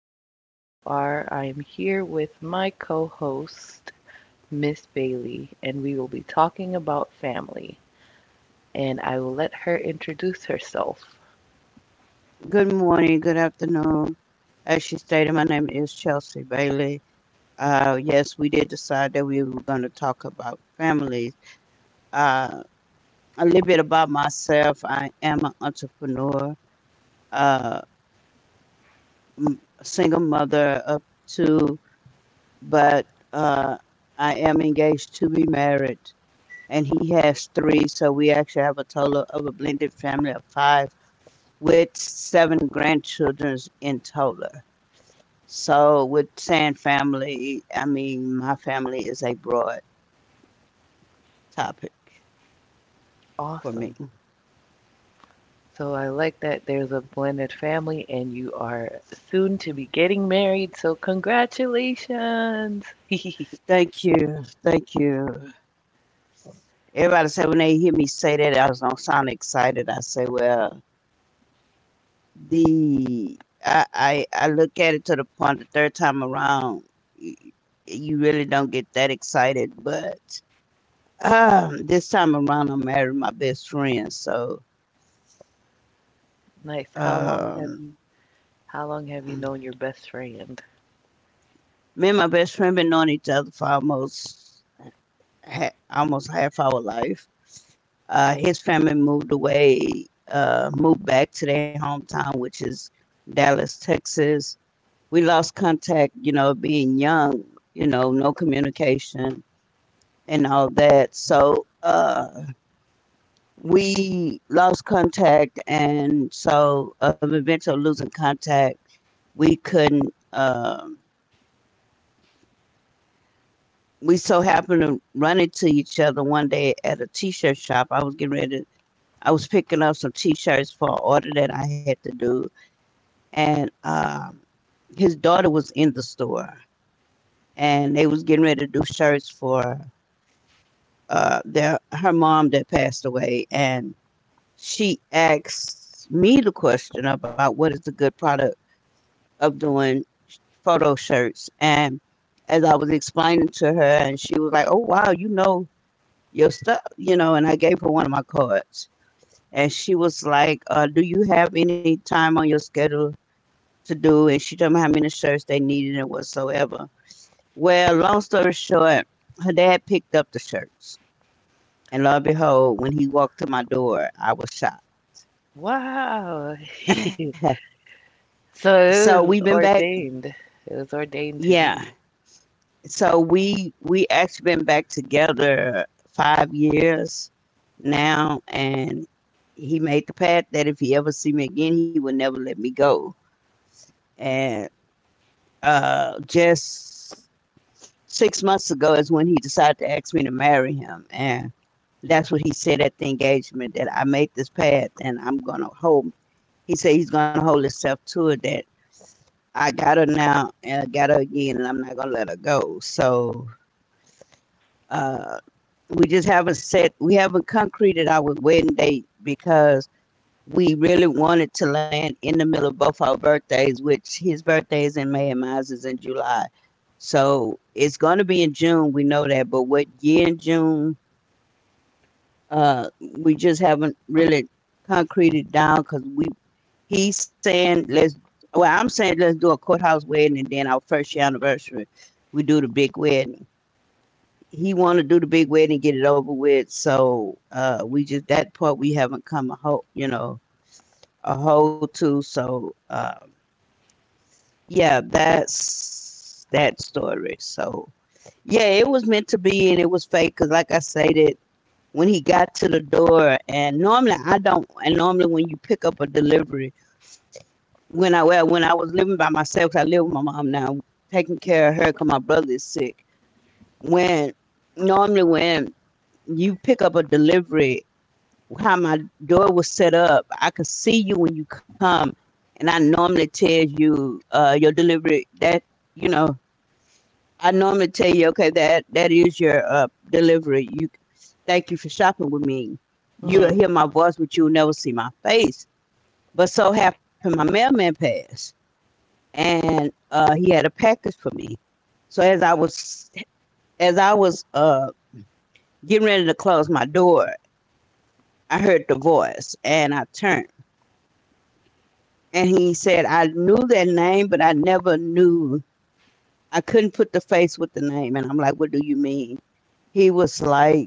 from wherever you are. I am here with my co host, Miss Bailey, and we will be talking about family. And I will let her introduce herself. Good morning, good afternoon. As she stated, my name is Chelsea Bailey. Yes, we did decide that we were going to talk about families. Uh, a little bit about myself. I am an entrepreneur, uh, a single mother of two, but I am engaged to be married, and he has three. So we actually have a total of a blended family of five with seven grandchildren in total. So with saying family, I mean my family is a broad topic for me. Awesome. So I like that there's a blended family and you are soon to be getting married. So congratulations. Thank you, thank you. Everybody say when they hear me say that, I don't sound excited. I say, well, the I I look at it to the point the third time around, you, you really don't get that excited. But this time around, I married my best friend, so Nice. Um, How long have you me known your best friend? and my best friend been knowing each other for almost almost half our life. His family moved away, moved back to their hometown, which is Dallas, Texas. We lost contact, you know, being young, you know, no communication and all that. Uh, we lost contact, and so of eventually losing contact, we couldn't. um we so happened to run into each other one day at a t-shirt shop. I was getting ready to I was picking up some t-shirts for an order that I had to do, and his daughter was in the store, and they was getting ready to do shirts for their her mom that passed away, and she asked me the question about what is a good product of doing photo shirts, and as I was explaining to her, and she was like, "Oh wow, you know. Your stuff, you know," and I gave her one of my cards, and she was like, "Do you have any time on your schedule to do," and she told me how many shirts they needed and whatsoever. Well, long story short, her dad picked up the shirts, and lo and behold, when he walked to my door, I was shocked. Wow. So So it we've was been back, ordained. It was ordained to yeah. be. So we actually been back together 5 years now, and he made the pact that if he ever see me again, he would never let me go. And just 6 months ago is when he decided to ask me to marry him, and that's what he said at the engagement, that I made this path and I'm gonna hold. He said he's gonna hold himself to it. That I got her now and I got her again, and I'm not gonna let her go. Uh, we just haven't set, we haven't concreted our wedding date because we really wanted to land in the middle of both our birthdays, which his birthday is in May and mine is in July. So it's gonna be in June. We know that, but what year in June? Uh, we just haven't really concreted down because we he's saying let's well, I'm saying let's do a courthouse wedding, and then our first year anniversary we do the big wedding. He want to do the big wedding, get it over with. We just that part we haven't come a whole, you know, a whole to. Yeah, that's that story. So yeah, it was meant to be, and it was fake. Cause like I said, it when he got to the door, and normally I don't. And normally when you pick up a delivery, when I well, when I was living by myself, 'cause I live with my mom now, taking care of her, cause my brother is sick. When when you pick up a delivery, how my door was set up, I could see you when you come, and I normally tell you your delivery that you know I normally tell you, okay, that that is your delivery. You thank you for shopping with me. You'll Hmm. hear my voice, but you'll never see my face. But so happened, my mailman passed, and he had a package for me. So as I was getting ready to close my door, I heard the voice, and I turned, and he said, "I knew that name, but I never knew. I couldn't put the face with the name." And I'm like, "What do you mean?" He was like.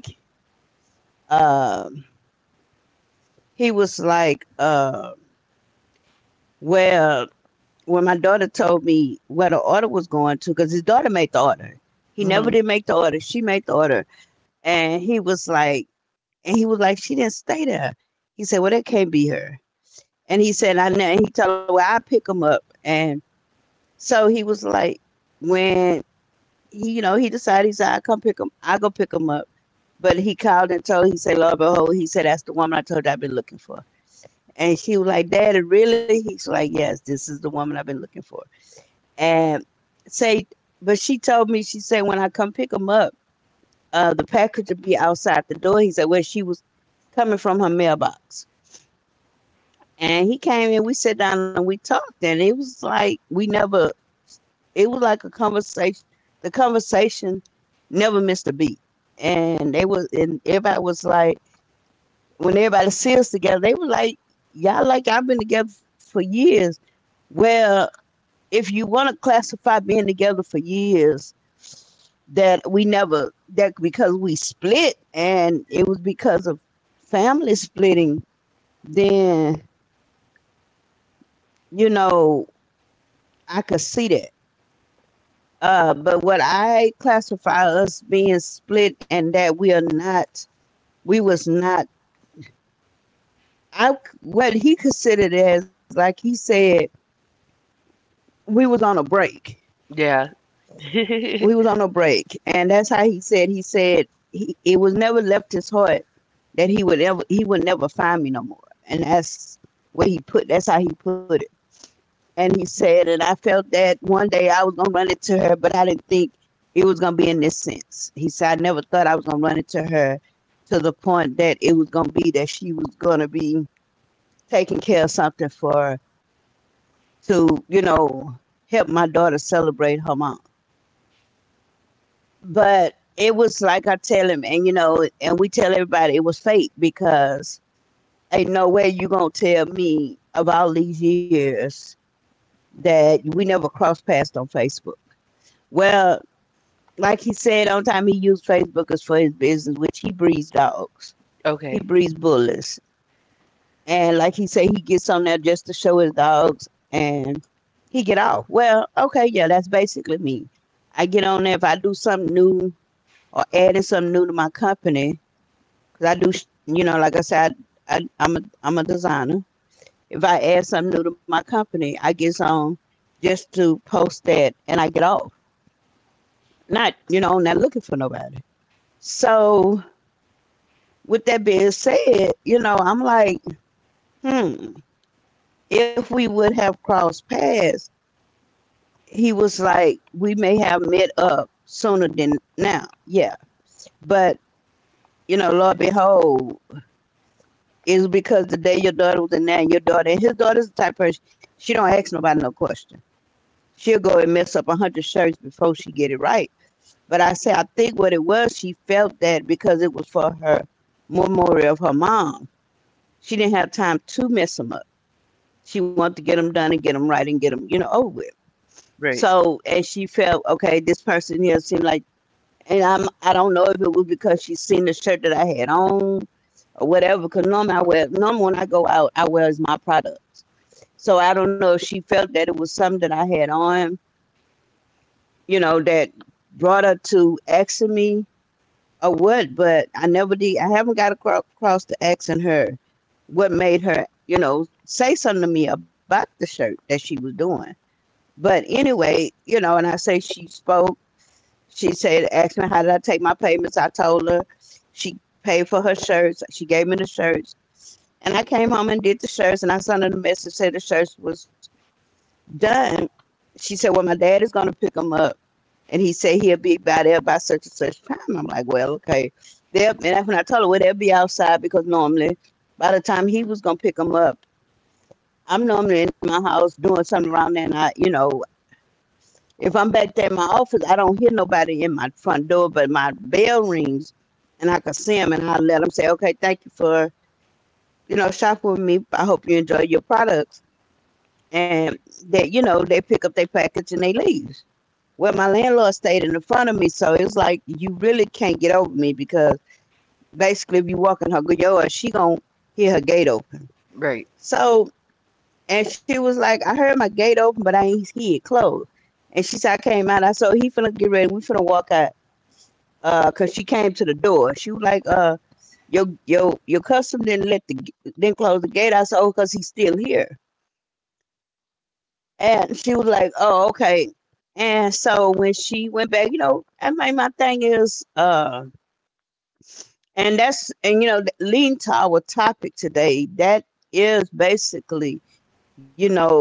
Um, He was like, well, when my daughter told me where the order was going to, because his daughter made the order. He never Hmm. did make the order. She made the order. And he was like, she didn't stay there. He said, well, that can't be her. And he said, I know. And he told her, well, I pick him up. And so he was like, when he, you know, he decided, he said, I go pick him up. But he called and told, he said, Lord, behold, he said, that's the woman I told you I've been looking for. And she was like, Daddy, really? He's like, yes, this is the woman I've been looking for. And say, but she told me, she said, when I come pick him up, the package would be outside the door. He said, well, she was coming from her mailbox. And he came in, we sat down and we talked, and it was like a conversation, the conversation never missed a beat. And they was and everybody was like when everybody see together, they were like, y'all like I've been together for years. Well, if you want to classify being together for years, that we never that because we split and it was because of family splitting, then, you know, I could see that. But what I classify us being split and that we are not, we was not, I what he considered as like he said, we was on a break. Yeah. we was on a break and that's how he said, he said, he, it was never left his heart that he would never find me no more. And that's where he put that's how he put it. And he said, and I felt that one day I was gonna run into her, but I didn't think it was gonna be in this sense. He said I never thought I was gonna run into her, to the point that it was gonna be that she was gonna be taking care of something for to, you know, help my daughter celebrate her mom. But it was like I tell him, and you know, and we tell everybody it was fate, because ain't no way you gonna tell me of all these years that we never crossed paths on Facebook. Well, like he said on the time, he used Facebook as for his business, which he breeds dogs. He Okay. breeds bullies, and like he said, he gets on there just to show his dogs, and he get off. Well, okay, yeah, that's basically me. I get on there if I do something new or adding something new to my company, because I do, you know, like I said, I, I, I'm a I'm a designer. If I add something new to my company, I get on just to post that and I get off. Not, you know, not looking for nobody. So with that being said, you know, I'm like, hmm, if we would have crossed paths, he was like, we may have met up sooner than now. Yeah. But, you know, Lord behold, it's because the day your daughter was in there, your daughter, and his daughter's the type of person, she don't ask nobody no question. She'll go and mess up 100 shirts before she get it right. But I say, I think what it was, she felt that because it was for her memorial of her mom, she didn't have time to mess them up. She wanted to get them done and get them right and get them, you know, over with. Right. So, and she felt, okay, this person here seemed like, and I'm, I don't know if it was because she seen the shirt that I had on or whatever, because normally I wear, normally when I go out, I wear is my products. So I don't know if she felt that it was something that I had on, you know, that brought her to asking me or what, but I never did. I haven't got across to asking her what made her, you know, say something to me about the shirt that she was doing. But anyway, you know, and I say she spoke. She said, asked me how did I take my payments. I told her she paid for her shirts. She gave me the shirts, and I came home and did the shirts. And I sent her the message said the shirts was done. She said, "Well, my dad is going to pick him up. And he said he'll be by there by such and such time." I'm like, "Well, okay." And when I told her, "Well, they'll be outside," because normally by the time he was going to pick them up, I'm normally in my house doing something around there. And if I'm back there in my office, I don't hear nobody in my front door, but my bell rings and I can see them and I let them, say, "Okay, thank you for, shopping with me. I hope you enjoy your products." And that you know they pick up their package and they leave. Well, my landlord stayed in the front of me, so it's like you really can't get over me because basically, if you walk in her yard, she gonna hear her gate open. Right. So, and she was like, "I heard my gate open, but I ain't hear it closed." And she said, "I came out. I saw he finna get ready. We finna walk out." Cause she came to the door. She was like, your customer didn't let the didn't close the gate." I said, "Oh, cause he's still here." And she was like, "Oh, okay." And so when she went back, I mean, my thing is, and that's and leading to our topic today, that is basically, you know,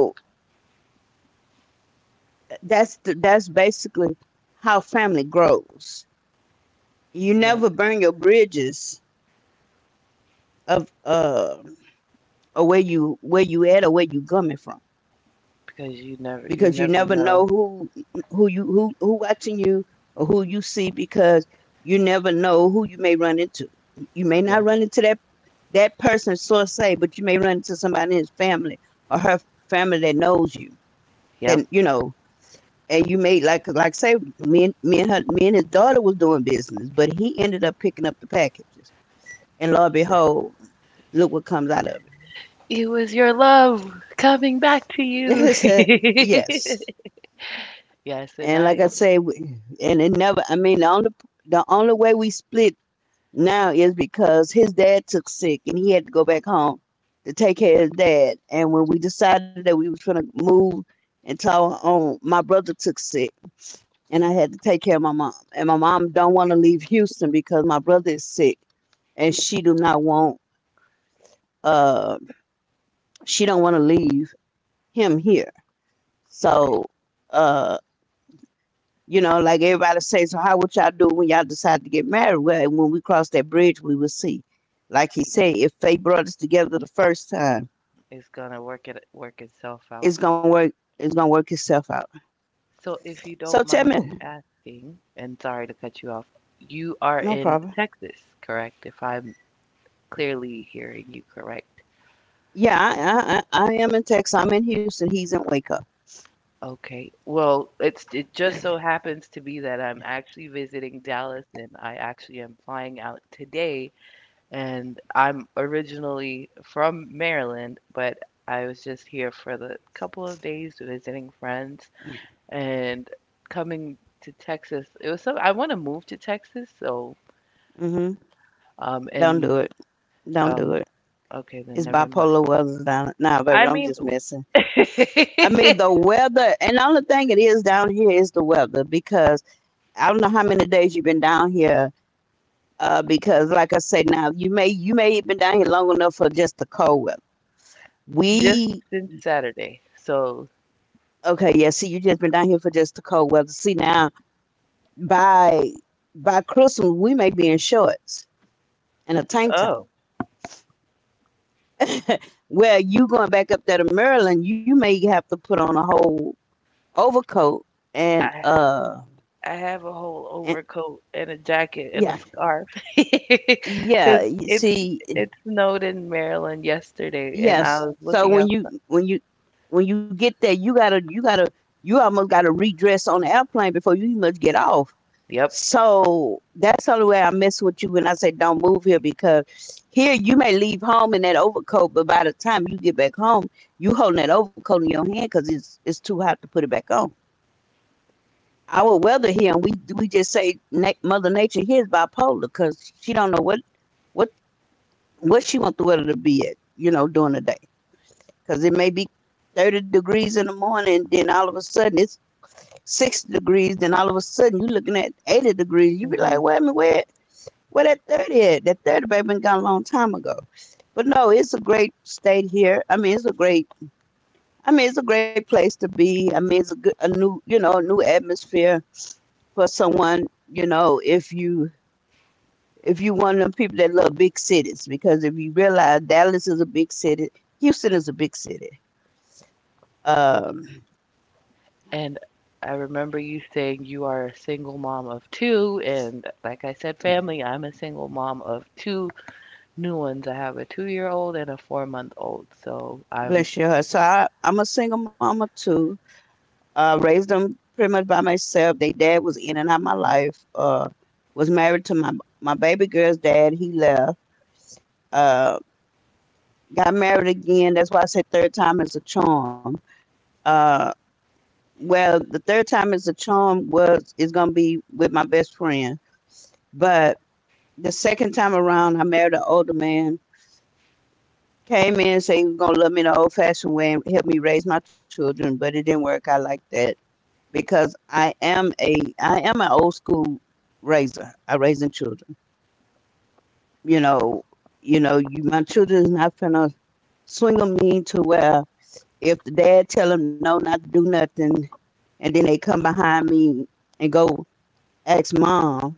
that's basically how family grows. You Yes, never burn your bridges of or where you at or where you coming from, because you never, because you you never never know know. Who you who watching you or who you see, because you never know who you may run into. You may Yeah. not run into that person, so to say, but you may run into somebody in his family or her family that knows you. Then, you Yep. know, and you may like say me and me and her me and his daughter was doing business, but he ended up picking up the packages, and lo and behold, look what comes out of it. It was your love coming back to you. Yes. Yes, and And like I I. say, we- and it never. I mean, the only way we split now is because his dad took sick and he had to go back home to take care of his dad. And when we decided that we was gonna move and talk on, my brother took sick and I had to take care of my mom. And my mom don't want to leave Houston because my brother is sick and she do not want uh she don't want to leave him here. So Okay. uh. You know, like everybody say, so how would y'all do when y'all decide to get married? Well, when we cross that bridge, we will see. Like he said, if fate brought us together the first time, It's gonna work itself out. it's gonna work. It's gonna work itself out. So if you So don't tell me, mind me asking, and sorry to cut you off, you are no in problem. Texas, correct? If I'm clearly hearing you correct. Yeah, I am in Texas. I'm in Houston. He's in Waco. Okay. Well, it just so happens to be that I'm actually visiting Dallas and I actually am flying out today and I'm originally from Maryland, but I was just here for the couple of days visiting friends and coming to Texas. It was so I want to move to Texas, so Mm-hmm. Don't and do it. Don't do oh, it. okay, then It's never mind. bipolar weather down. Nah, I baby, I'm mean just messing. I mean the weather, and the only thing it is down here is the weather, because I don't know how many days you've been down here, because like I say now, you may have been down here long enough for just the cold weather. just We since Saturday. So, okay, yeah. See, you just been down here for just the cold weather. See now, by by Christmas we may be in shorts and a tank top. oh, Well, you going back up there to Maryland, you may have to put on a whole overcoat and I I have a whole and overcoat and a jacket and a yeah scarf because yeah. You it's see. it snowed in Maryland yesterday, and I Yes. was So looking outside. When you get there, you gotta you almost gotta redress on the airplane before you must get off. Yep. So that's the only way I mess with you when I say don't move here, because here you may leave home in that overcoat, but by the time you get back home, you holding that overcoat in your hand because it's too hot to put it back on. Our weather here, and we just say na- Mother Nature here is bipolar because she don't know what what what she want the weather to be at, you know, during the day, because it may be 30 degrees in the morning, then all of a sudden it's 60 degrees, then all of a sudden you're looking at 80 degrees. You be Hmm. like, wait a minute, where that 30 at? That 30 baby been gone a long time ago. But no, it's a great state here. I mean, I mean, it's a great place to be. I mean, a new, you know, a new atmosphere for someone, you know, if you one of them people that love big cities, because if you realize Dallas is a big city, Houston is a big city. Um. And I remember you saying you are a single mom of two, and like I said, family, I'm a single mom of two new ones. I have a two-year-old and a 4-month-old, so I'm. Bless your heart. So I'm a single mama too. Raised them pretty much by myself. They dad was in and out my life. Was married to my baby girl's dad. He left. Uh, got married again. That's why I said third time is a charm. Uh, well, the third time is a charm was is gonna be with my best friend. But the second time around, I married an older man. Came in and said he was gonna love me the old fashioned way and help me raise my children, but it didn't work out like that because I am an old school raiser. I raising children. You know, you know, you my children is not gonna swing on me to where if the dad tell them no, not to do nothing, and then they come behind me and go ask mom,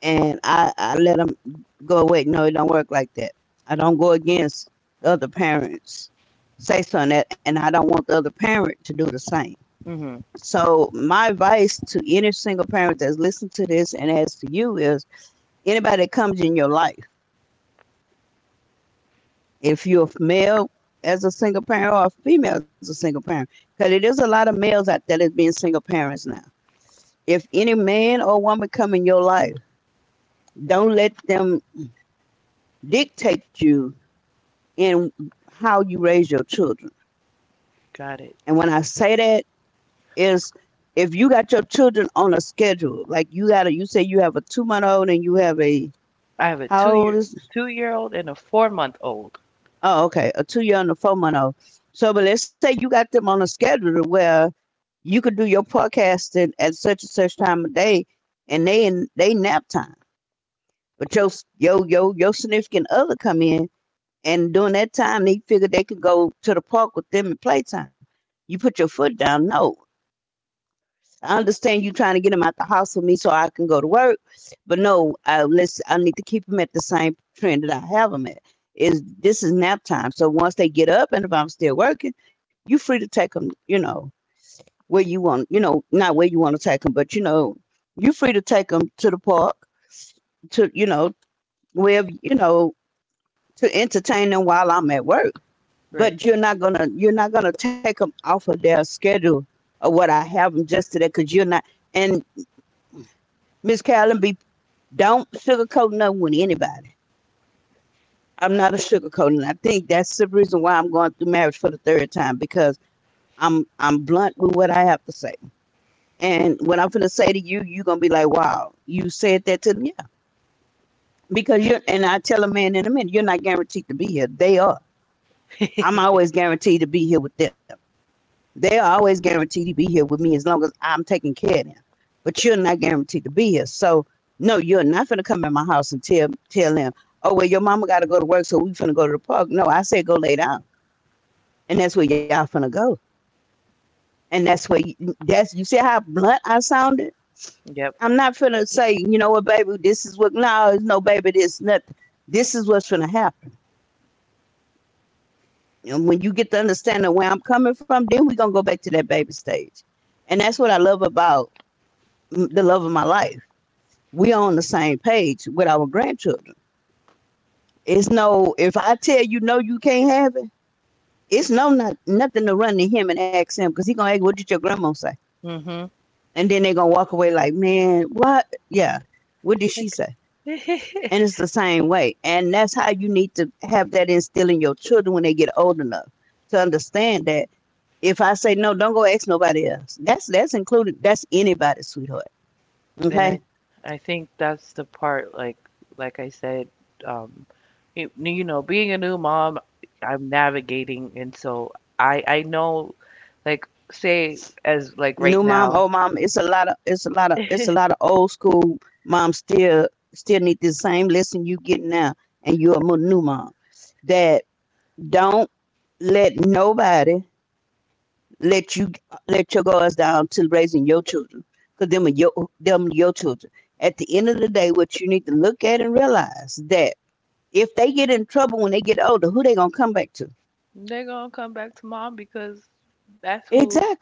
and I let them go away. No, it don't work like that. I don't go against the other parents say something that, and I don't want the other parent to do the same. Hmm. So my advice to any single parent that's listening to this and as to you is anybody that comes in your life, if you're a male as a single parent or a female as a single parent, because it is a lot of males out there that's being single parents now. If any man or woman come in your life, don't let them dictate you in how you raise your children. Got it. And when I say that is if you got your children on a schedule, like you say you have a 2 month old and you have a I have a how old is. two-year-old and a four-month-old. Oh, okay. A 2 year and a 4 month old. So, but let's say you got them on a schedule to where you could do your podcasting at such and such time of day, and they in they nap time. But your s- your significant other come in, and during that time they figure they could go to the park with them at playtime. You put your foot down. No, I understand you trying to get them out the house with me so I can go to work, but no, I, let's, I need to keep them at the same trend that I have 'em is, this is nap time. So once they get up, and if I'm still working, you free to take them. You know where you want. You know, not where you want to take them, but you know you free to take them to the park to, you know, wherever, you know, to entertain them while I'm at work. Right. But you're not gonna take them off of their schedule or what I have them just today because you're not. And Miss Carolyn, be don't sugarcoat nothing with anybody. I'm not a sugarcoat, and I think that's the reason why I'm going through marriage for the third time because I'm blunt with what I have to say, and what I'm gonna say to you, you're gonna be like, "Wow, you said that to me." Yeah, because you're, and I tell a man in a minute, you're not guaranteed to be here. They are. I'm always guaranteed to be here with them. They are always guaranteed to be here with me as long as I'm taking care of them. But you're not guaranteed to be here, so no, you're not gonna come in my house and tell them, "Oh well, your mama got to go to work, so we finna go to the park." No, I said go lay down, and that's where y'all finna go. And that's, you see how blunt I sounded. Yep. I'm not finna say, you know what, baby, this is what. No, no, baby, this nothing. This is what's gonna happen. And when you get to understand where I'm coming from, then we gonna go back to that baby stage. And that's what I love about the love of my life. We on the same page with our grandchildren. It's no, if I tell you no, you can't have it. It's no, not nothing to run to him and ask him because he gonna ask, what did your grandma say? Hmm. And then they're gonna walk away like, man, what? Yeah, what did she say? And it's the same way, and that's how you need to have that instilled in your children when they get old enough to understand that if I say no, don't go ask nobody else. That's included. That's anybody, sweetheart. And Okay, I think that's the part, like, I said, um, you know, being a new mom, I'm navigating, and so I know, like, say as new like mom, right old now, mom. It's a lot of old school moms still need the same lesson you get now, and you're a new mom that don't let nobody let you let your guards down to raising your children because them are your them your children at the end of the day what you need to look at and realize that if they get in trouble when they get older who they gonna come back to. they're gonna come back to mom because that's who Exactly.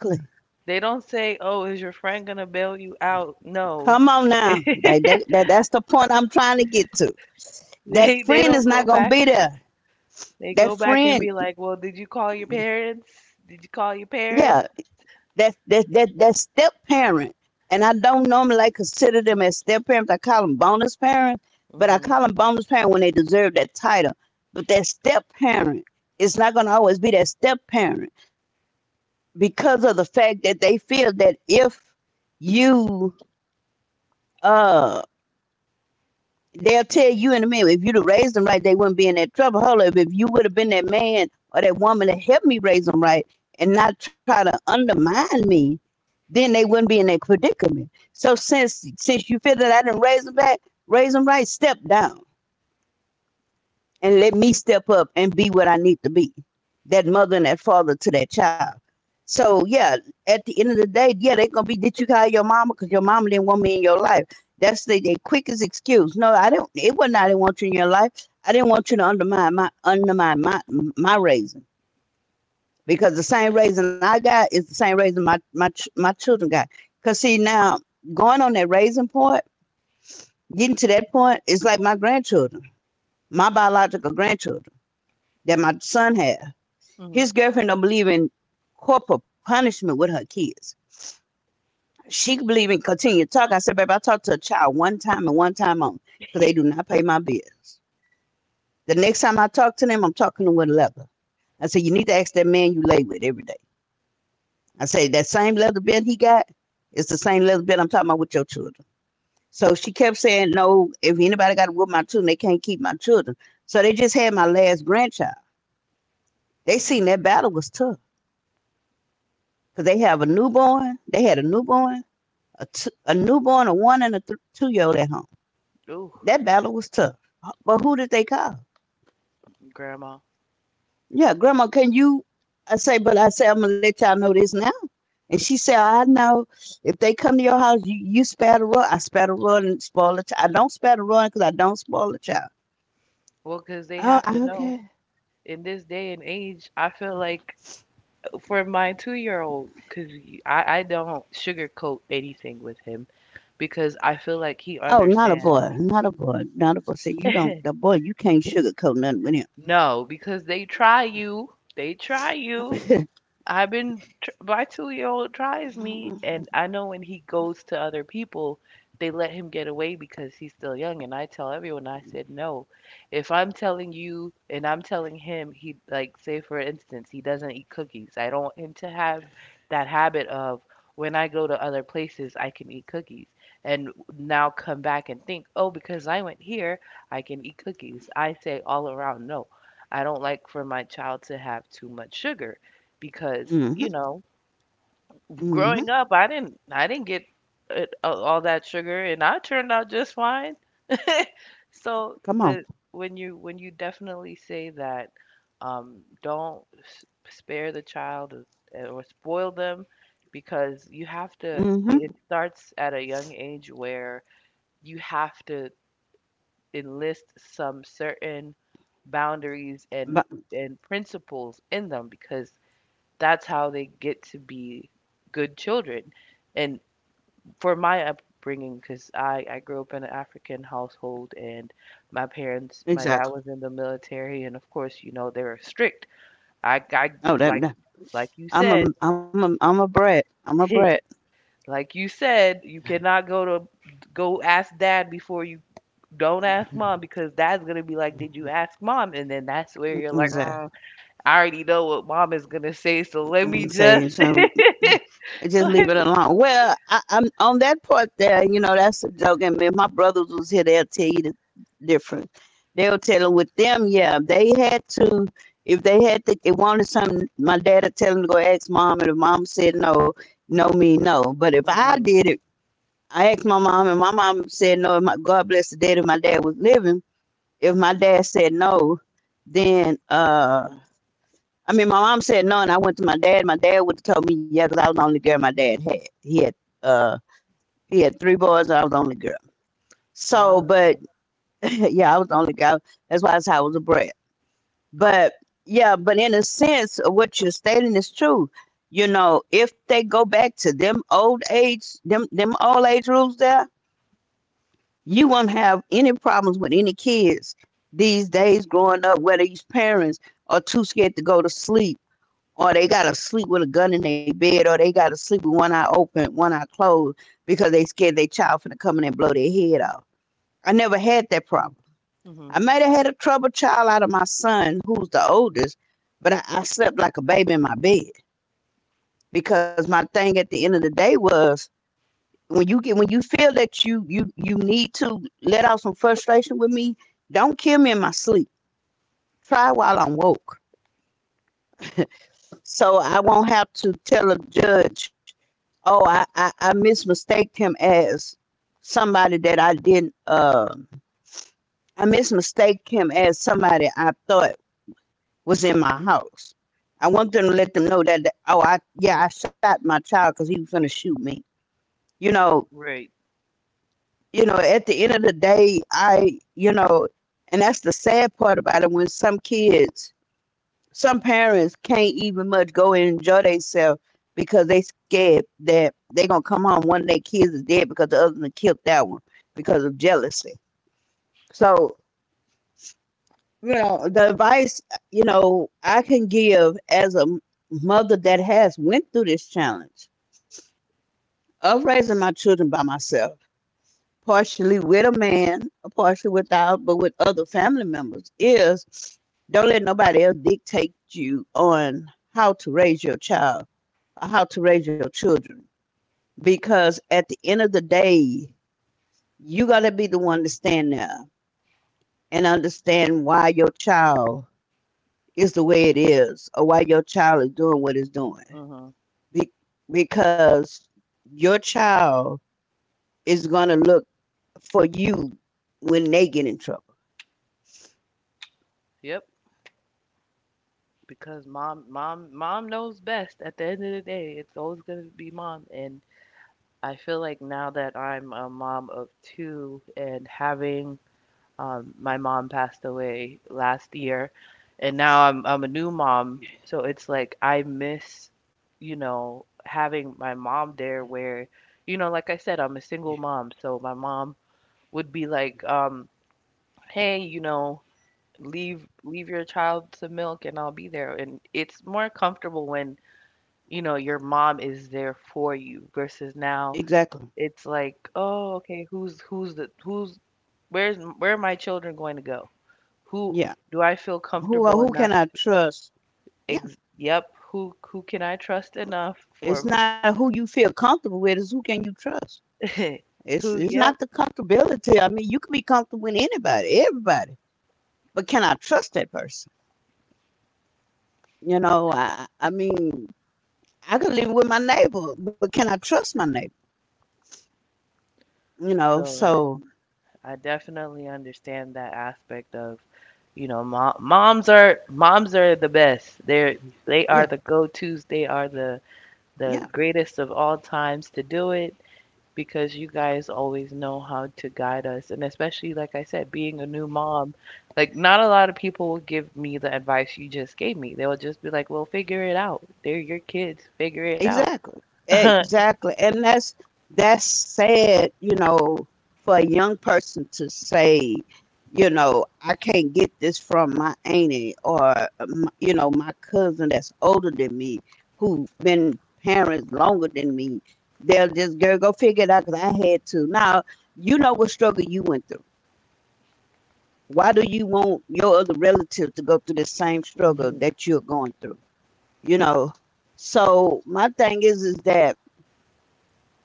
they don't say, oh, is your friend gonna bail you out? No, Come on now, they that's the point I'm trying to get to. That they friend is don't not go gonna back. be there. They That go back and friend. be like, well, did you call your parents? Did you call your Yeah, parents? That step parent, and I don't normally like consider them as step parents. I call them bonus parents, but I Mm-hmm. call them bonus parent when they deserve that title. But that step parent is not going to always be that step parent because of the fact that they feel that if you uh they'll tell you in a minute, if you'd have raised them right they wouldn't be in that trouble. Hold up, if you would have been that man or that woman to help me raise them right and not try to undermine me, then they wouldn't be in that predicament. So since you figured out and raise them back, raise them right, step down and let me step up and be what I need to be. That mother and that father to that child. So yeah, at the end of the day, yeah, they're gonna be. Did you call your mama? Cause your mama didn't want me in your life. That's the quickest excuse. No, I don't. It wasn't. I didn't want you in your life. I didn't want you to undermine my raising, because the same raising I got is the same raising my children got. Cause see now, going on that raising point, getting to that point is like my grandchildren, my biological grandchildren that my son had. Mm-hmm. His girlfriend don't believe in corporal punishment with her kids. She believe in continued talk. I said, babe, I talked to a child one time and one time only because they do not pay my bills. The next time I talk to them, I'm talking to them with a leather. I said, you need to ask that man you lay with every day. I say that same leather belt he got is the same leather belt I'm talking about with your children. So she kept saying, no, if anybody got to whoop my children, they can't keep my children. So they just had my last grandchild. They seen that battle was tough because they have a newborn. They had a newborn, a newborn, a one and a 2-year-old at home. Ooh. That battle was tough. But who did they call? Grandma. Yeah, Grandma, can you? I say, but I say, I'm going to let y'all know this now. And she said, I know if they come to your house, you spare the rod. I spare the rod and spoil the child. I don't spare the rod because I don't spoil the child. Well, 'cause they Oh, have to know okay. in this day and age, I feel like for my 2-year-old old, because I don't sugarcoat anything with him because I feel like he Oh, not a understands. boy. Not a boy. Not a boy. So you don't, the boy, you can't sugarcoat nothing with him. No, because they try you. They try you. My 2-year-old old tries me, Mm-hmm. and I know when he goes to other people, they let him get away because he's still young. And I tell everyone, I said no. If I'm telling you and I'm telling him, he like say for instance, he doesn't eat cookies. I don't want him to have that habit of when I go to other places, I can eat cookies. And now come back and think, oh, because I went here, I can eat cookies. I say all around, no, I don't like for my child to have too much sugar because Mm-hmm. growing up I didn't get all that sugar, and I turned out just fine. So Come on. the when you definitely say that, don't spare the child, or spoil them, because you have to, Mm-hmm. it starts at a young age where you have to enlist some certain boundaries and But, and principles in them because that's how they get to be good children. And for my upbringing, because I grew up in an African household, and my parents, my dad exactly. was in the military, and of course, they were strict. I Oh, that, like, that. like you I'm a, said, I'm a brat. I'm a brat. like you said, you cannot go ask dad before you don't ask mom because dad's gonna be like, did you ask mom? And then that's where you're like, Exactly. I already know what mom is gonna say, so let me I'm saying just. so. I just leave it alone. Well, I'm on that part there. You know, that's a joke. I mean, if my brothers was here, they'll tell you the difference. They'll tell them with them, yeah, they had to. If they had to, it wanted something. My dad would tell them to go ask mom, and if mom said no, no me no. But if I Mhm. did it, I asked my mom, and my mom said no. My God bless the dead, and my dad was living. If my dad said no, then I mean, my mom said none. And I went to my dad. My dad would have told me yeah, 'cause I was the only girl my dad had. He had uh he had three boys. And I was the only girl. Ah, So, but okay. yeah, I was the only girl. That's why that's how I was a brat. But yeah, but in a sense, what you're stating is true. You know, if they go back to them old age, them old age rules there, you won't have any problems with any kids these days growing up where these parents are too scared to go to sleep, or they gotta sleep with a gun in their bed, or they gotta sleep with one eye open, one eye closed because they scared their child finna come in and blow their head off. I never had that problem. Mhm. I might have had a troubled child out of my son, who's the oldest, but I slept like a baby in my bed because my thing at the end of the day was when you get when you feel that you need to let out some frustration with me, don't kill me in my sleep. Try while I'm woke. So I won't have to tell a judge, oh, I mismistaked him as somebody that I didn't, I mismistaked him as somebody I thought was in my house. I want them to let them know that, oh, I, yeah, I shot my child because he was going to shoot me. You know, Right. you know, at the end of the day, I, you know, and that's the sad part about it when some kids some parents can't even much go and enjoy themselves because they scared that they gonna come home one of their kids is dead because the other one killed that one because of jealousy. So you know the advice you know I can give as a mother that has went through this challenge of raising my children by myself, partially with a man, partially without, but with other family members is don't let nobody else dictate you on how to raise your child how to raise your children. Because at the end of the day, you got to be the one to stand there and understand why your child is the way it is or why your child is doing what it's doing. Mhm. Be- because your child is going to look for you when they get in trouble. Yep. Because mom knows best. At the end of the day, it's always gonna be mom. And I feel like now that I'm a mom of two, and having, my mom passed away last year, and now I'm a new mom. So it's like I miss, having my mom there. Where, like I said, I'm a single mom. So my mom would be like, hey. Leave your child to milk and I'll be there. And it's more comfortable when, your mom is there for you versus now Exactly. it's like, oh, okay, who's where are my children going to go? Who Yeah. do I feel Who comfortable enough? can I trust? Yeah. Yep, who can I trust enough It's for not who you feel comfortable with, it's who can you trust. Who? It's not Yep. the comfortability. I mean, you can be comfortable with anybody, everybody, but can I trust that person? You know, I mean, I could live with my neighbor, but can I trust my neighbor? You know, So like, so I definitely understand that aspect of, moms are the best. They are the yeah, go-tos. They are the yeah, greatest of all times to do it because you guys always know how to guide us. And especially like I said, being a new mom, like not a lot of people will give me the advice you just gave me. They'll just be like, "Well, figure it out. They're your kids. Figure it out." Exactly, and that's sad. You know, for a young person to say, you know, I can't get this from my auntie or, you know, my cousin that's older than me, who have been parents longer than me. They'll just girl go figure it out because I had to. Now you know what struggle you went through. Why do you want your other relative to go through the same struggle that Mhm. you're going through? You know. So my thing is that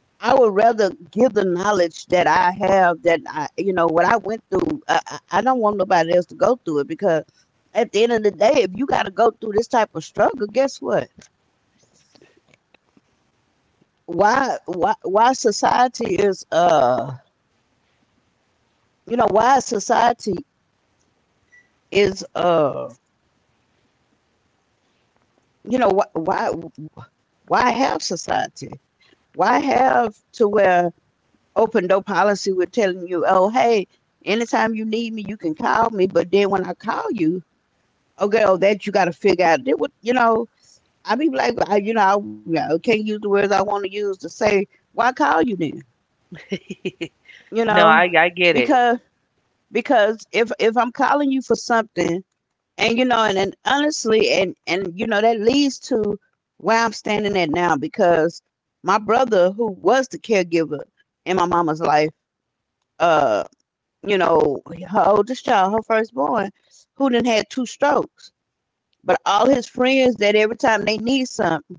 I would rather give the knowledge that I have that I, you know, what I went through. I don't want nobody else to go through it because at the end of the day, if you got to go through this type of struggle, guess what? Why society is, you know, is, uh, you know, why, why, why have society? Why have to where open door policy? We're telling you, oh, hey, anytime you need me, you can call me. But then when I call you, oh, girl, that you got to figure out. That would, you know, I be like, I can't use the words I want to use to say why I call you then, you No, know, I get it. because because if I'm calling you for something, and honestly, and that leads to where I'm standing at now because my brother, who was the caregiver in my mama's life, uh, her oldest child, her firstborn, who then had two strokes, but all his friends that every time they need something,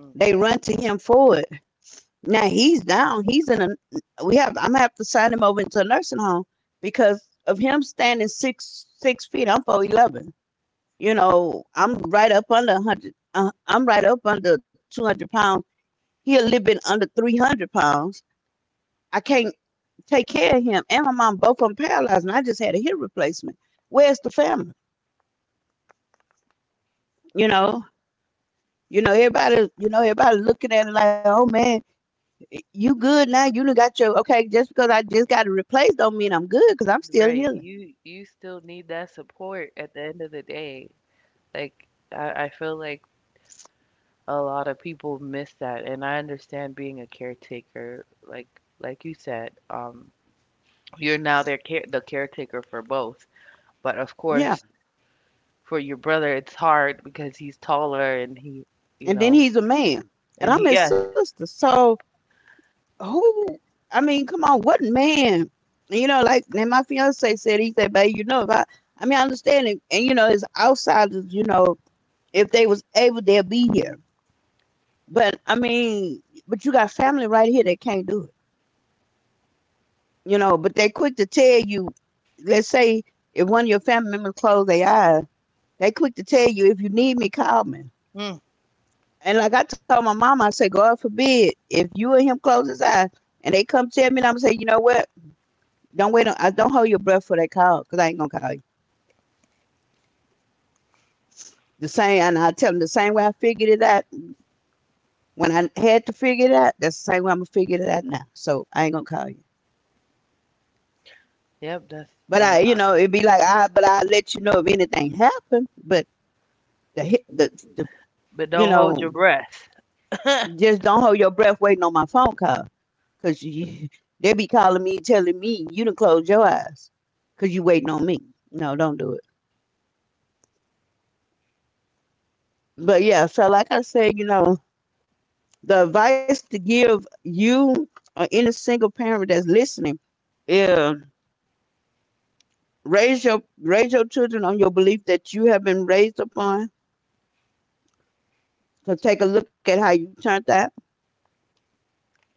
they run to him for it. Now he's down. He's in a. We have. I'm gonna have to sign him over into a nursing home because of him standing 6'6". I'm 4'11". You know, I'm right up under 100. I'm right up under 200 pounds. He a little bit under 300 pounds. I can't take care of him and my mom. Both of them paralyzed, and I just had a hip replacement. Where's the family? You know. You know everybody. You know everybody looking at it like, oh man, you good now? You done got your okay. Just because I just got it replaced don't mean I'm good because I'm still Right. healing. You still need that support at the end of the day. Like I feel like a lot of people miss that, and I understand being a caretaker, like you said, you're now their caretaker for both. But of Yeah, course for your brother it's hard because he's taller, and he, you and then know he's a man, and and he, I'm his yes. sister. So who? I mean, come on, what man? Like and my fiance said, he said, "Babe, you know, if I, I mean, I understand it, and it's outsiders. If they was able, they'd be here. But I mean, but you got family right here that can't do it. You know, but they quick to tell you. Let's say if one of your family members close their eyes." They quick to tell you if you need me, call me. Mm, And like I told my mama, I said, God forbid if you and him close his eye and they come tell me, and I'm gonna say, you know what? Don't wait. On, I don't hold your breath for that call because I ain't gonna call you. The same, and I tell them the same way I figured it out when I had to figure it out. That's the same way I'm gonna figure it out now. So I ain't gonna call you. yep, that's But I, you uh, know, it'd be like I, but I let you know if anything happened. But the hit- but the but you don't hold know, your breath. just don't hold your breath waiting on my phone call. Cause you, they be calling me, telling me you done close your eyes, cause you waiting on me. No, don't do it. But yeah, so like I said, the advice to give you or any single parent that's listening, is raise your children on your belief that you have been raised upon. So take a look at how you turned out.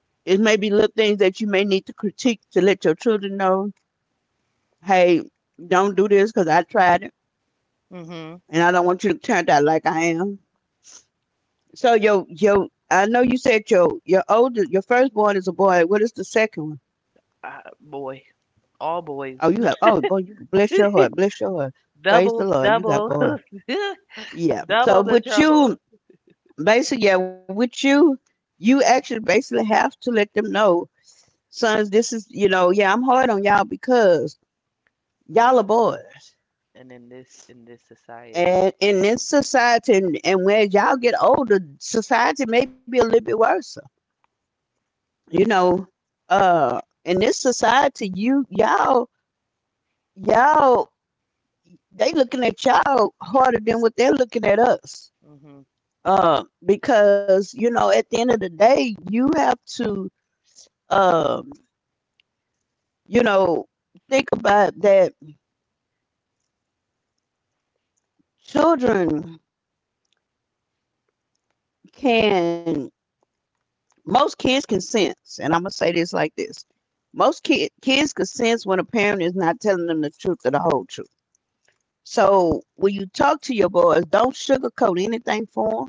It may be little things that you may need to critique to let your children know, hey, don't do this because I tried it, Mhm. and I don't want you to turn out like I am. So your I know you said your firstborn is a boy. What is the second one? Boy. All Oh, boys. you have oh boy, you bless your heart, bless your heart. Praise the Double Lord, you got double. boy. Yeah. So Double the with you, trouble. basically, yeah, you actually basically have to let them know, sons. This is you know, yeah, I'm hard on y'all because y'all are boys, And in this and society, in this society, and when y'all get older, society may be a little bit worse. You know, in this society, you y'all y'all they looking at y'all harder than what they're looking at us. hmm Because at the end of the day you have to uh, you know think about that. Children can most kids can sense. And I'm gonna say this like this, most kids can sense when a parent is not telling them the truth or the whole truth. So when you talk to your boys, don't sugarcoat anything for them.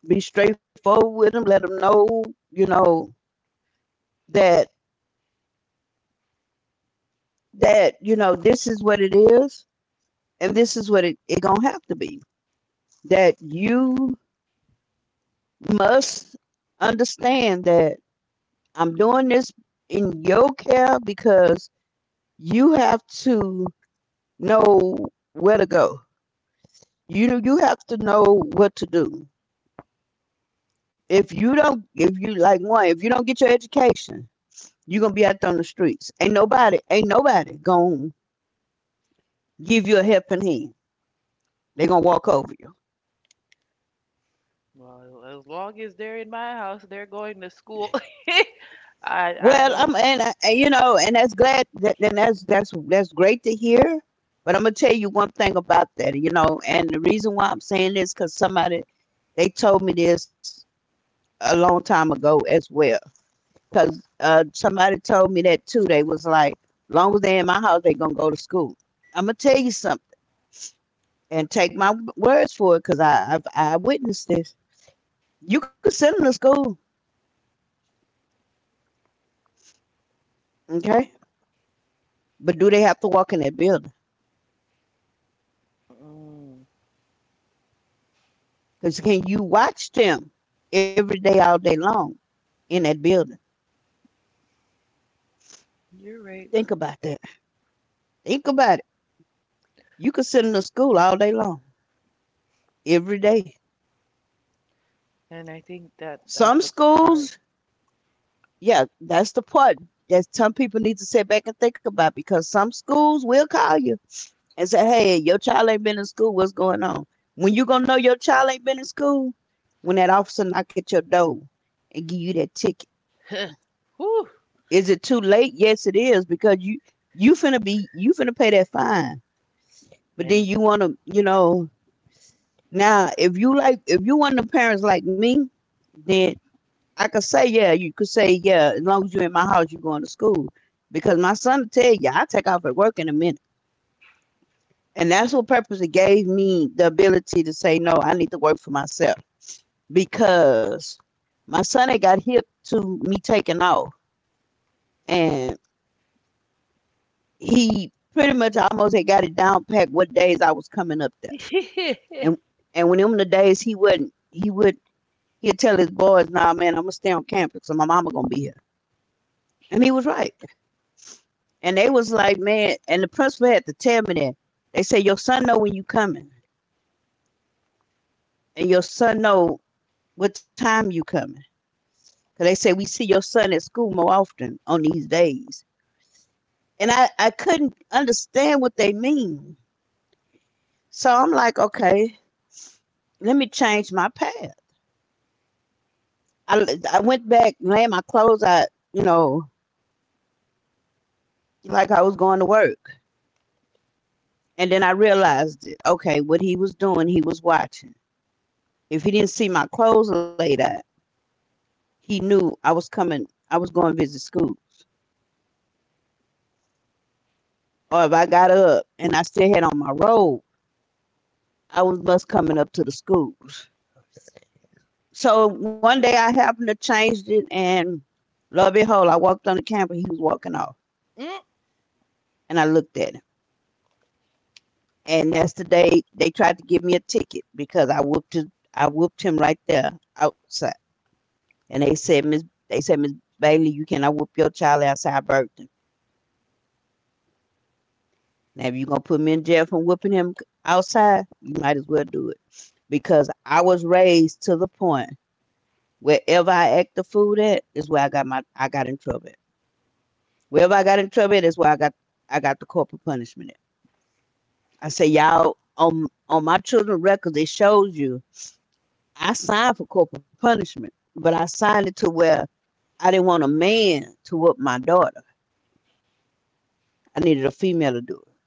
Be straightforward with them, let them know, you know that that this is what it is, and this is what it gonna have to be, that you must understand that I'm doing this in your care because you have to know where to go. You have to know what to do. If you don't get your education, you're gonna be out there on the streets. Ain't nobody gonna give you a helping hand. They gonna walk over you. well, as long as they're in my house, they're going to school. I Well, don't. I'm and, I- and you know, and that's glad that and that's great to hear. But I'm gonna tell you one thing about that, and the reason why I'm saying this is because somebody they told me this a long time ago as well. Because somebody told me that too. They was like, long as they are in my house, they gonna go to school. I'm gonna tell you something, and take my words for it because I witnessed this. You can send them to school, okay, but do they have to walk in that building? Mm, Because can you watch them every day, all day long in that building? you're right, Think about that. Think about it. You could sit in the school all day long, every day. and I think that Some that's the part. schools, yeah, that's the part that some people need to sit back and think about, because some schools will call you and say, hey, your child ain't been in school. What's going on? When you going to know your child ain't been in school? When that officer knock at your door and give you that ticket. Whew. Is it too late? Yes, it is because you finna pay that fine. But then And you want to, you know, now if you like, if you one of the parents like me, then I could say, yeah, you could say, yeah, as long as you're in my house, you're going to school. Because my son will tell you, yeah, I take off at work in a minute. And that's what purpose it gave me the ability to say, no, I need to work for myself. Because my son had got hip to me taking off. And he pretty much almost had got it down packed what days I was coming up there. And when the days he wouldn't, he would he'd tell his boys, "Nah, man, I'm gonna stay on campus, so my mama gonna be here." And he was right. And they was like, "Man," and the principal had to tell me that. They say your son know when you coming, and your son know what time you coming. Cause they say we see your son at school more often on these days. And I couldn't understand what they mean. So I'm like, okay, let me change my path. I I went back, laying my clothes out, you know, like I was going to work. And then I realized it. Okay, what he was doing, he was watching. If he didn't see my clothes laid out, he knew I was coming, I was going to visit school. Or if I got up and I still had on my robe, I was bus coming up to the schools. So one day I happened to change it, and lo and behold, I walked on the campus. He was walking off, Mm, and I looked at him, and that's the day they tried to give me a ticket because I whooped him right there outside. And they said, Miss Bailey, you cannot whip your child outside I Now, if you're gonna put me in jail for whipping him outside, you might as well do it because I was raised to the point wherever I act the food at is where I got in trouble. At. Wherever I got in trouble at is where I got the corporal punishment at. I say y'all on my children records it shows you I signed for corporal punishment, but I signed it to where I didn't want a man to whoop my daughter. I needed a female to do it.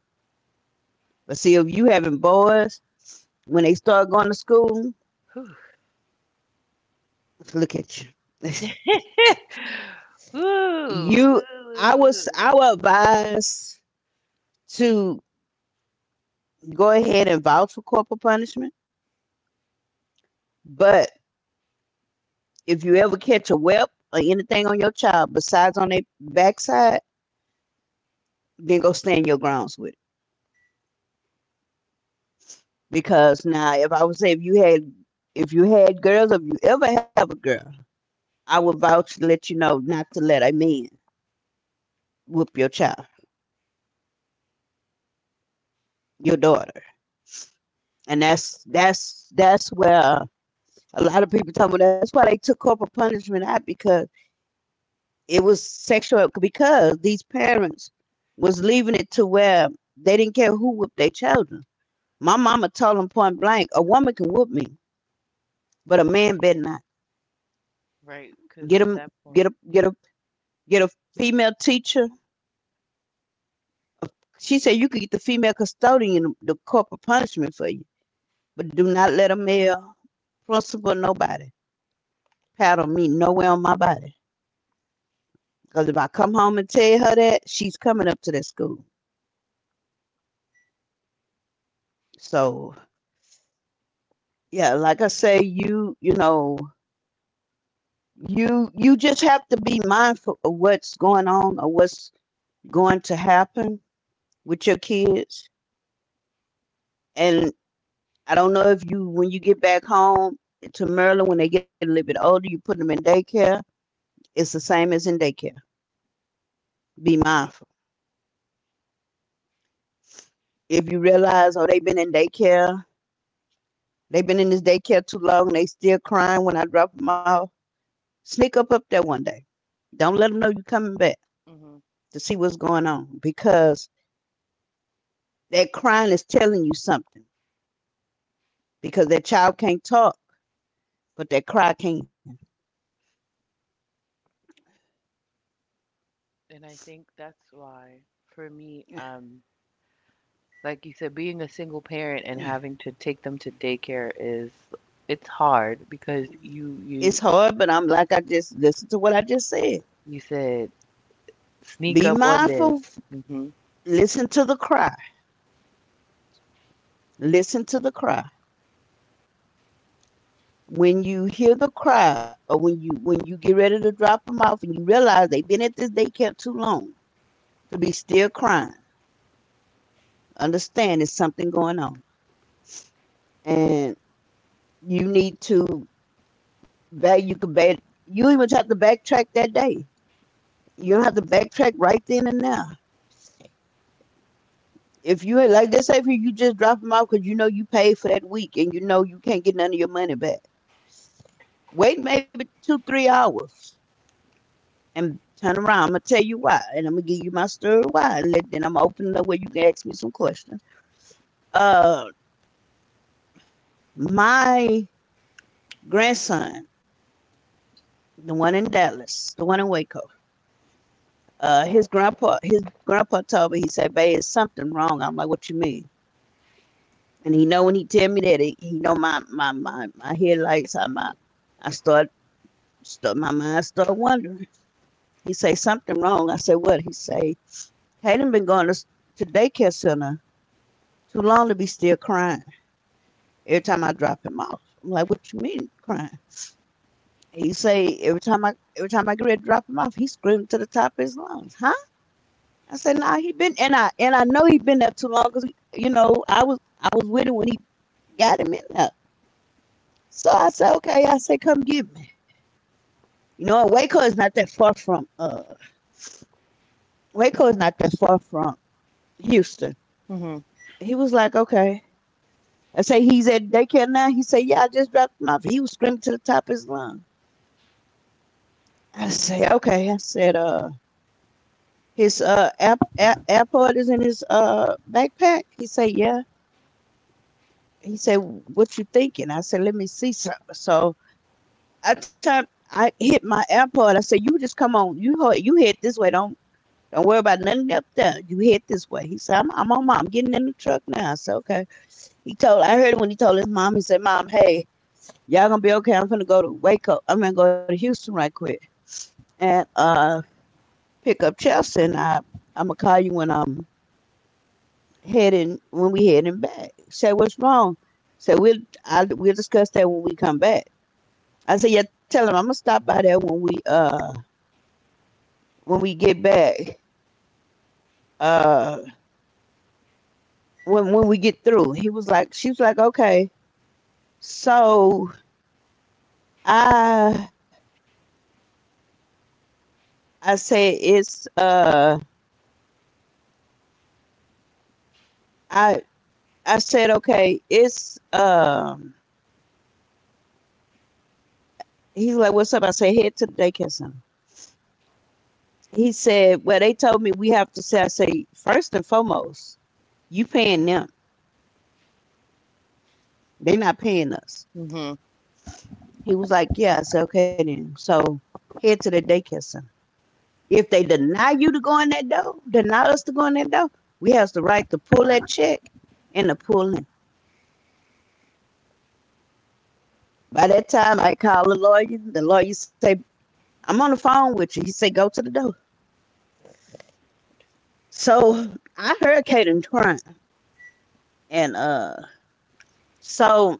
But see, if you having boys when they start going to school, whew. look at you. Woo, woo, You, I woo, was, woo. I would advise to go ahead and vouch for corporal punishment. But if you ever catch a whelp or anything on your child besides on their backside, then go stand your grounds with it. Because now, if I would say if you had girls, if you ever have a girl, I would vouch to let you know not to let a man whoop your child, your daughter. And that's where a lot of people talk about that's why they took corporal punishment out because it was sexual because these parents was leaving it to where they didn't care who whooped their children. My mama told them point blank, a woman can whoop me, but a man better not. Right, Get because him at that get a point, get a get a female teacher. She said you could get the female custodian the corporal punishment for you. But do not let a male principal nobody paddle me nowhere on my body. Because if I come home and tell her that, she's coming up to that school. So yeah, like I say, you just have to be mindful of what's going on or what's going to happen with your kids. And I don't know if you when you get back home to Maryland when they get a little bit older, you put them in daycare. It's the same as in daycare. Be mindful. If you realize, oh, they've been in daycare, they've been in this daycare too long, and they still crying when I drop them off. Sneak up there one day. Don't let them know you're coming back hmm to see what's going on, because that crying is telling you something because that child can't talk, but that cry can. and I think that's why for me. Like you said, being a single parent and having to take them to daycare is it's hard because you It's you hard, but I'm like, I just listen to what I just said. you said Be sneak up one mindful. day. Mhm. Listen to the cry. Listen to the cry. When you hear the cry, or when you get ready to drop them off and you realize they've been at this daycare too long to be still crying, understand there's something going on. And you need to Back you could back you even have to backtrack that day. You don't have to backtrack right then and now. If you like let's say if you just drop them off because you know you paid for that week and you know you can't get none of your money back. Wait maybe two, three hours and turn around. I'm gonna tell you why and I'm gonna give you my story why, and then I'm gonna open it up where you can ask me some questions. Uh my grandson, the one in Dallas, the one in Waco, his grandpa told me, he said, "Babe, it's something wrong." I'm like, "What you mean?" And he know when he tell me that he know my headlights. I my I start my mind start wondering. He say, "Something wrong." I say, "What?" He say, "Caden been going to daycare center too long to be still crying. Every time I drop him off—" I'm like, "What you mean crying?" He say, "Every time I get ready to drop him off, he screamed to the top of his lungs." Huh? I say, "Nah, he been—" And I know he been there too long, because you know I was with him when he got him in there. So I said, "Okay." I say, "Come get me." You know, Waco is not that far from Houston. Mhm. He was like, "Okay." I say, "He's at daycare now?" He said, "Yeah, I just dropped him off. He was screaming to the top of his lung." I say, "Okay." I said, "His app, airport is in his backpack?" He said, "Yeah." He said, "What you thinking?" I said, "Let me see something." So I turned, I hit my airport. I said, "You just come on. You head this way. Don't worry about nothing up there. You head this way." He said, "I'm on, Mom. I'm getting in the truck now." I said, "Okay." I heard when he told his mom, he said, "Mom, hey, y'all gonna be okay. I'm gonna go to Waco. I'm gonna go to Houston right quick and pick up Chelsea, and I'm gonna call you when I'm when we heading back." He said, "What's wrong?" I Said, we'll, I, "We'll discuss that when we come back." I said, "Yeah, tell him I'm gonna stop by there when when we get back. Uh, when we get through." He was like, she was like, "Okay." So I I said it's uh I I said, "Okay, it's He's like, "What's up?" I said, "Head to the daycare center." He said, "Well, they told me we have to—" say I say, "First and foremost, you paying them, they're not paying us." Mhm. He was like, "Yeah." I said, "Okay, then. So head to the daycare center. If they deny you to go in that door, deny us to go in that door, we has the right to pull that check and to pull in." By that time I call the lawyer. The lawyer say, "I'm on the phone with you." He said, "Go to the door." So I heard Kaden crying. And so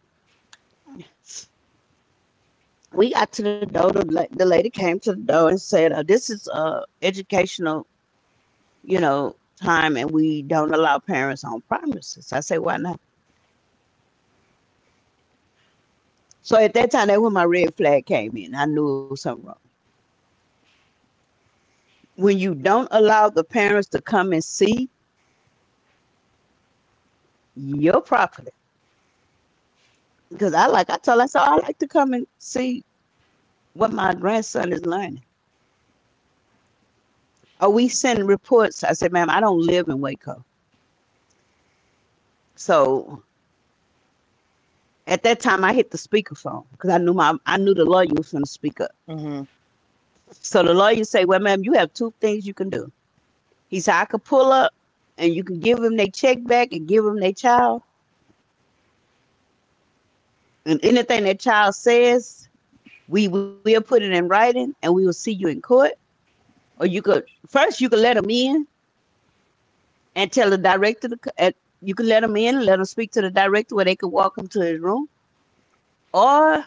we got to the door. The lady came to the door and said, "This is educational, you know, time, and we don't allow parents on premises." I said, "Why not?" So at that time, that's when my red flag came in. I knew it was something wrong. When you don't allow the parents to come and see your property, because I told her, I said, "Oh, I like to come and see what my grandson is learning." "Oh, we send reports." I said, "Ma'am, I don't live in Waco." So at that time, I hit the speakerphone because I knew the lawyer was going to speak up. Mhm. So the lawyer say, "Well, ma'am, you have two things you can do." He said, "I could pull up and you can give them their check back and give them their child. And anything that child says, we will put it in writing and we will see you in court. Or you could let them in and tell the director. You could let them in and let them speak to the director where they could walk them to his room. Or—"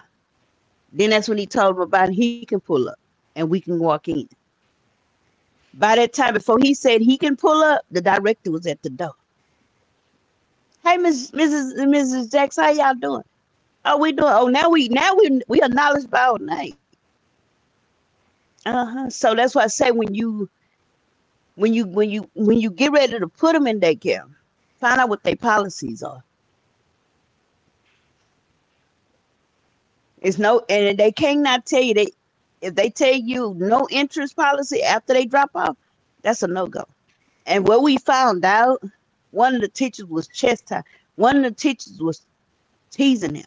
Then that's when he told him about he can pull up and we can walk in. By that time, before he said he can pull up, the director was at the door. "Hey, Mrs. and Mrs. Jackson, how y'all doing?" "Oh, we doing." Oh, now we acknowledged by our name. Uh huh. So that's why I say when you get ready to put them in daycare, find out what their policies are. It's no, and They cannot tell you— they if they tell you no interest policy after they drop off, that's a no go. And what we found out, one of the teachers was chastised. One of the teachers was teasing him.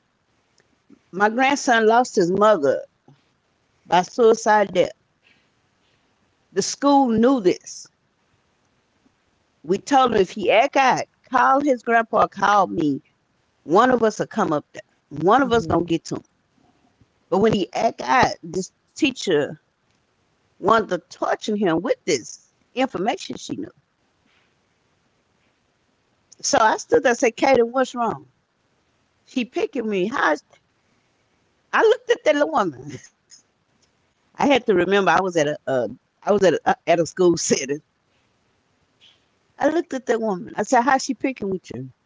My grandson lost his mother by suicide death. The school knew this. We told him, if he act out, call his grandpa, call me. One of us will come up there. One of us gonna Mhm. get to him. But when he act out, this teacher wanted to torture him with this information she knew. So I stood there and said, "Katie, what's wrong?" "She picking me." "How is—" I looked at that little woman. I had to remember I was at a, I was at at a school setting. I looked at that woman. I said, "How's she picking with you?"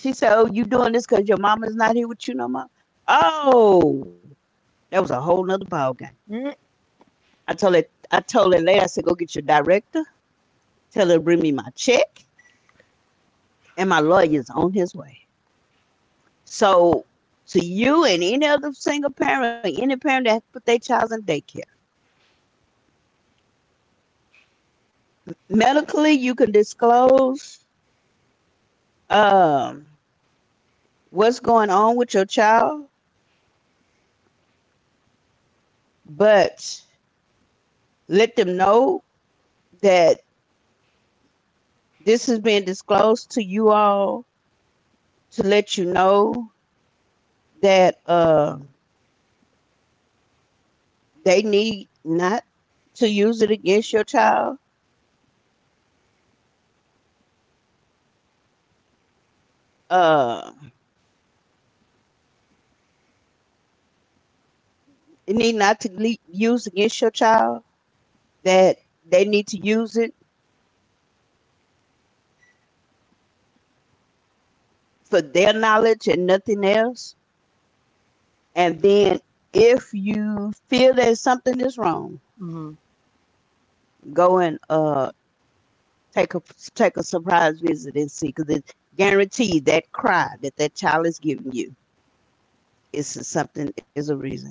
She said, "Oh, you doing this because your mama's not here with you no more." Oh, that was a whole nother ball game. Mhm. I told her, I told her later. I said, "Go get your director. Tell her to bring me my check, and my lawyer's on his way." So, to you and any other single parent, any parent that put their child in daycare, medically, you can disclose um, what's going on with your child, but let them know that this has been disclosed to you all to let you know that they need not to use it against your child. Uh, it need not to be used against your child. That they need to use it for their knowledge and nothing else. And then if you feel that something is wrong, Mhm. go and Take a take a surprise visit and see, because it guaranteed that cry, that that child is giving you, is something, is a reason.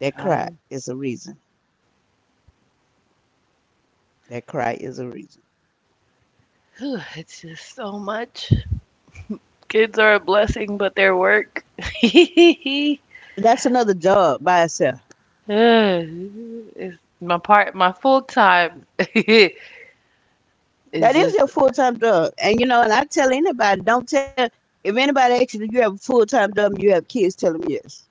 That I cry am. is a reason. That cry is a reason. Whew, it's just so much. Kids are a blessing, but their work. That's another job by itself. Ugh, it's my part. My full time That is is just. your full time job, and you know. And I tell anybody, don't tell if anybody asks you, "Do you have a full time job? And you have kids?" Tell them yes.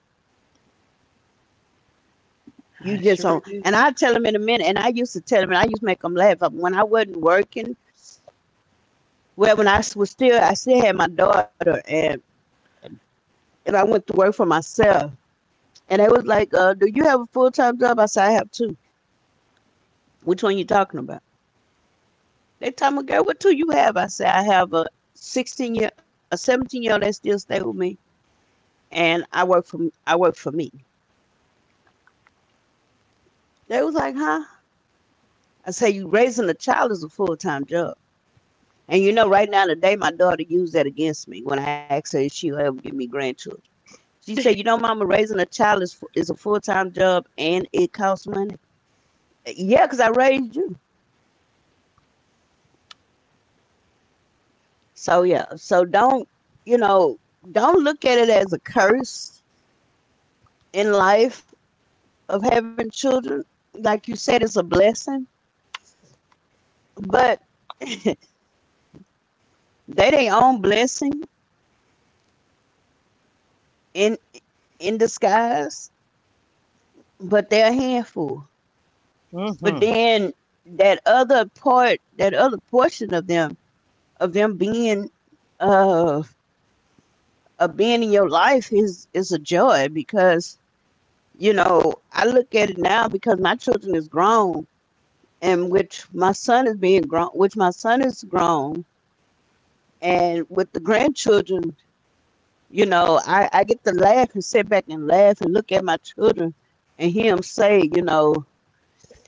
You I just sure don't. do. And I tell them in a minute. And I used to tell them, and I used to make them laugh when I wasn't working. Well, when I was still, I still had my daughter, and I went to work for myself. And they was like, do you have a full time job? I said, I have two. Which one you talking about? They told me, girl, what two you have? I said, I have a sixteen year a 17 year old that still stay with me and I work for me. They was like, huh? I say you raising a child is a full time job. And you know, right now today my daughter used that against me when I asked her if she'll ever give me grandchildren. She said, "You know, mama, raising a child is a full time job and it costs money." Yeah, because I raised you. So yeah, so don't you know? Don't look at it as a curse in life of having children. Like you said, it's a blessing, but they their own blessing in in disguise. But they're a handful. But Mhm. then that other part, that other portion of them being uh of being in your life is a joy because you know I look at it now because my children is grown and which my son is grown, and with the grandchildren, you know, I get to laugh and sit back and laugh and look at my children and hear them say, you know,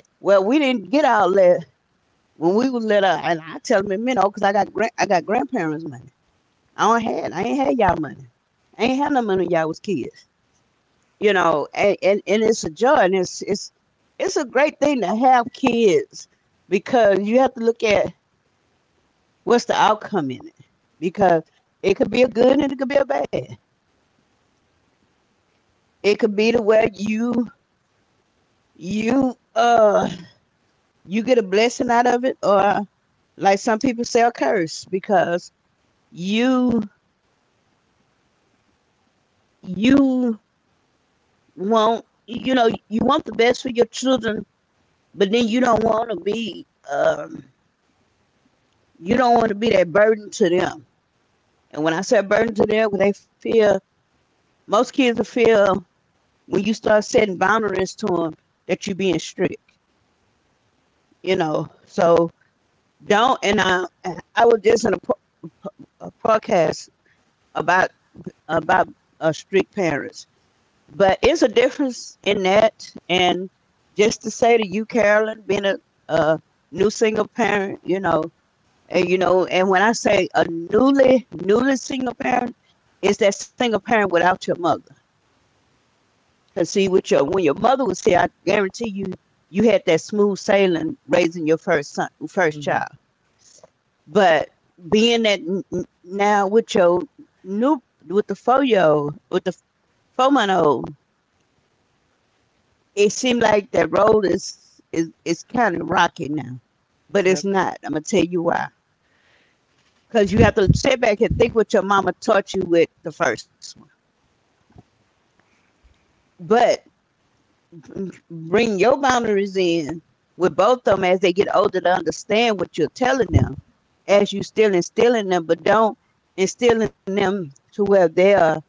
well, we didn't get all that when we was little, and I tell them, you know, because I got grand, I got grandparents' money. I ain't had y'all money. I ain't had no money when y'all was kids, you know, and it's a joy, and it's a great thing to have kids because you have to look at what's the outcome in it because it could be a good and it could be a bad. It could be the way you uh you get a blessing out of it, or like some people say, a curse because you you want you know you want the best for your children, but then you don't want to be you don't want to be that burden to them. And when I say burden to them, they feel most kids will feel when you start setting boundaries to them that you're being strict. You know, so Don't and I. I was just in a, a podcast about about strict parents, but it's a difference in that. And just to say to you, Carolyn, being a new single parent, you know, and when I say a newly single parent, it's that single parent without your mother. Cause see, with your when your mother was here, I guarantee you, you had that smooth sailing raising your first son, first Mhm. child. But being that now with your new, with the 4 year old, with the 4 month old, it seems like that road is kind of rocky now, but Yep. it's not. I'm gonna tell you why. Cause you have to sit back and think what your mama taught you with the first one, but bring your boundaries in with both of them as they get older to understand what you're telling them, as you still instilling them, but don't instilling them to where they're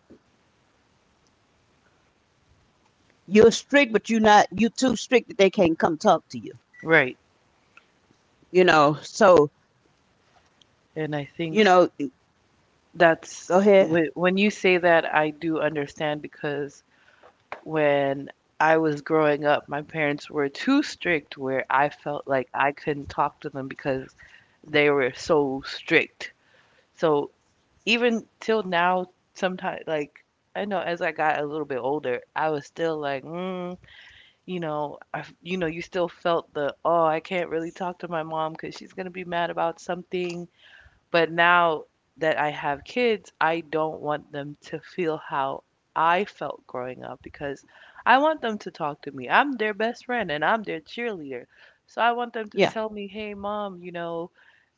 you're strict, but you're not, you too strict that they can't come talk to you, Right. you know. So, And I you think know, that's go ahead. when you say that, I do understand because when I was growing up, my parents were too strict where I felt like I couldn't talk to them because they were so strict. So even till now, sometimes like I know as I got a little bit older, I was still like, you still felt the, oh, I can't really talk to my mom because she's gonna be mad about something, but now that I have kids, I don't want them to feel how I felt growing up because I want them to talk to me. I'm their best friend and I'm their cheerleader. So I want them to Yeah, tell me, hey, mom,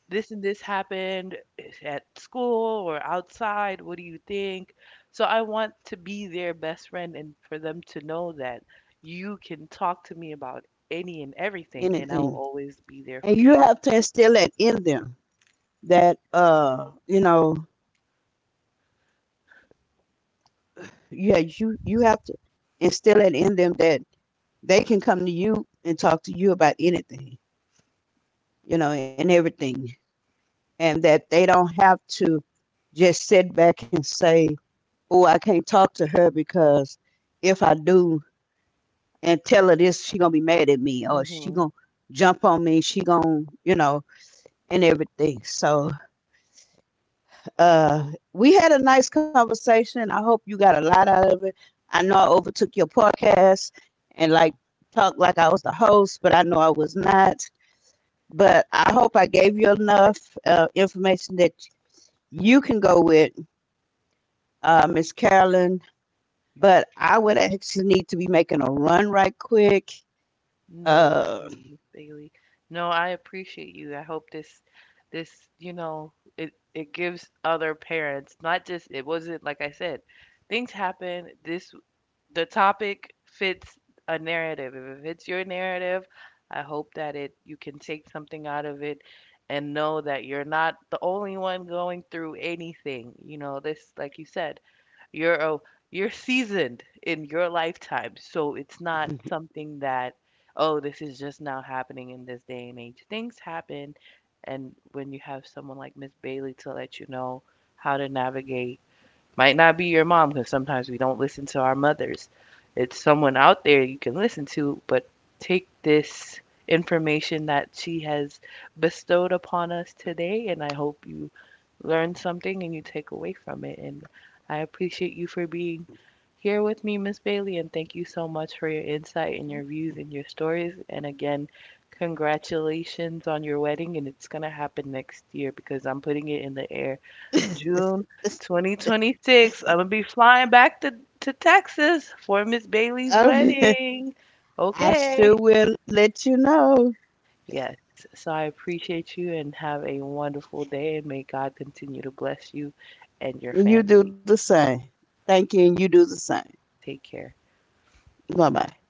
this and this happened at school or outside. What do you think? So I want to be their best friend and for them to know that you can talk to me about any and everything and I will anything. always be there And for you you. have to instill that in them that, you know, yeah, you have to instill it in them that they can come to you and talk to you about anything, you know, and everything. And that they don't have to just sit back and say, oh, I can't talk to her because if I do, and tell her this, she gonna be mad at me or she gonna Mm-hmm. jump on me, she gonna, you know, and everything. So we had a nice conversation. I hope you got a lot out of it. I know I overtook your podcast and like talked like I was the host, but I know I was not. But I hope I gave you enough information that you can go with, Miss Carolyn. But I would actually need to be making a run right quick. No Uh, worries, Miss Bailey. No, I appreciate you. I hope this, it gives other parents not just it wasn't like I said, things happen. This The topic fits a narrative. If it fits your narrative, I hope that it you can take something out of it and know that you're not the only one going through anything. This, like you said, you're a, you're seasoned in your lifetime, so it's not something that, oh, this is just now happening in this day and age. Things happen, and when you have someone like Miss Bailey to let you know how to navigate might not be your mom because sometimes we don't listen to our mothers. It's someone out there you can listen to, but take this information that she has bestowed upon us today, and I hope you learn something and you take away from it. And I appreciate you for being here with me, Miss Bailey, and thank you so much for your insight and your views and your stories. And again, congratulations on your wedding, and it's gonna happen next year because I'm putting it in the air June 2026. I'm gonna be flying back to Texas for Miss Bailey's Oh, wedding. I Okay. sure will let you know. Yes. So I appreciate you and have a wonderful day and may God continue to bless you and your You do family. the same. Thank you, and you do the same. Take care. Bye bye.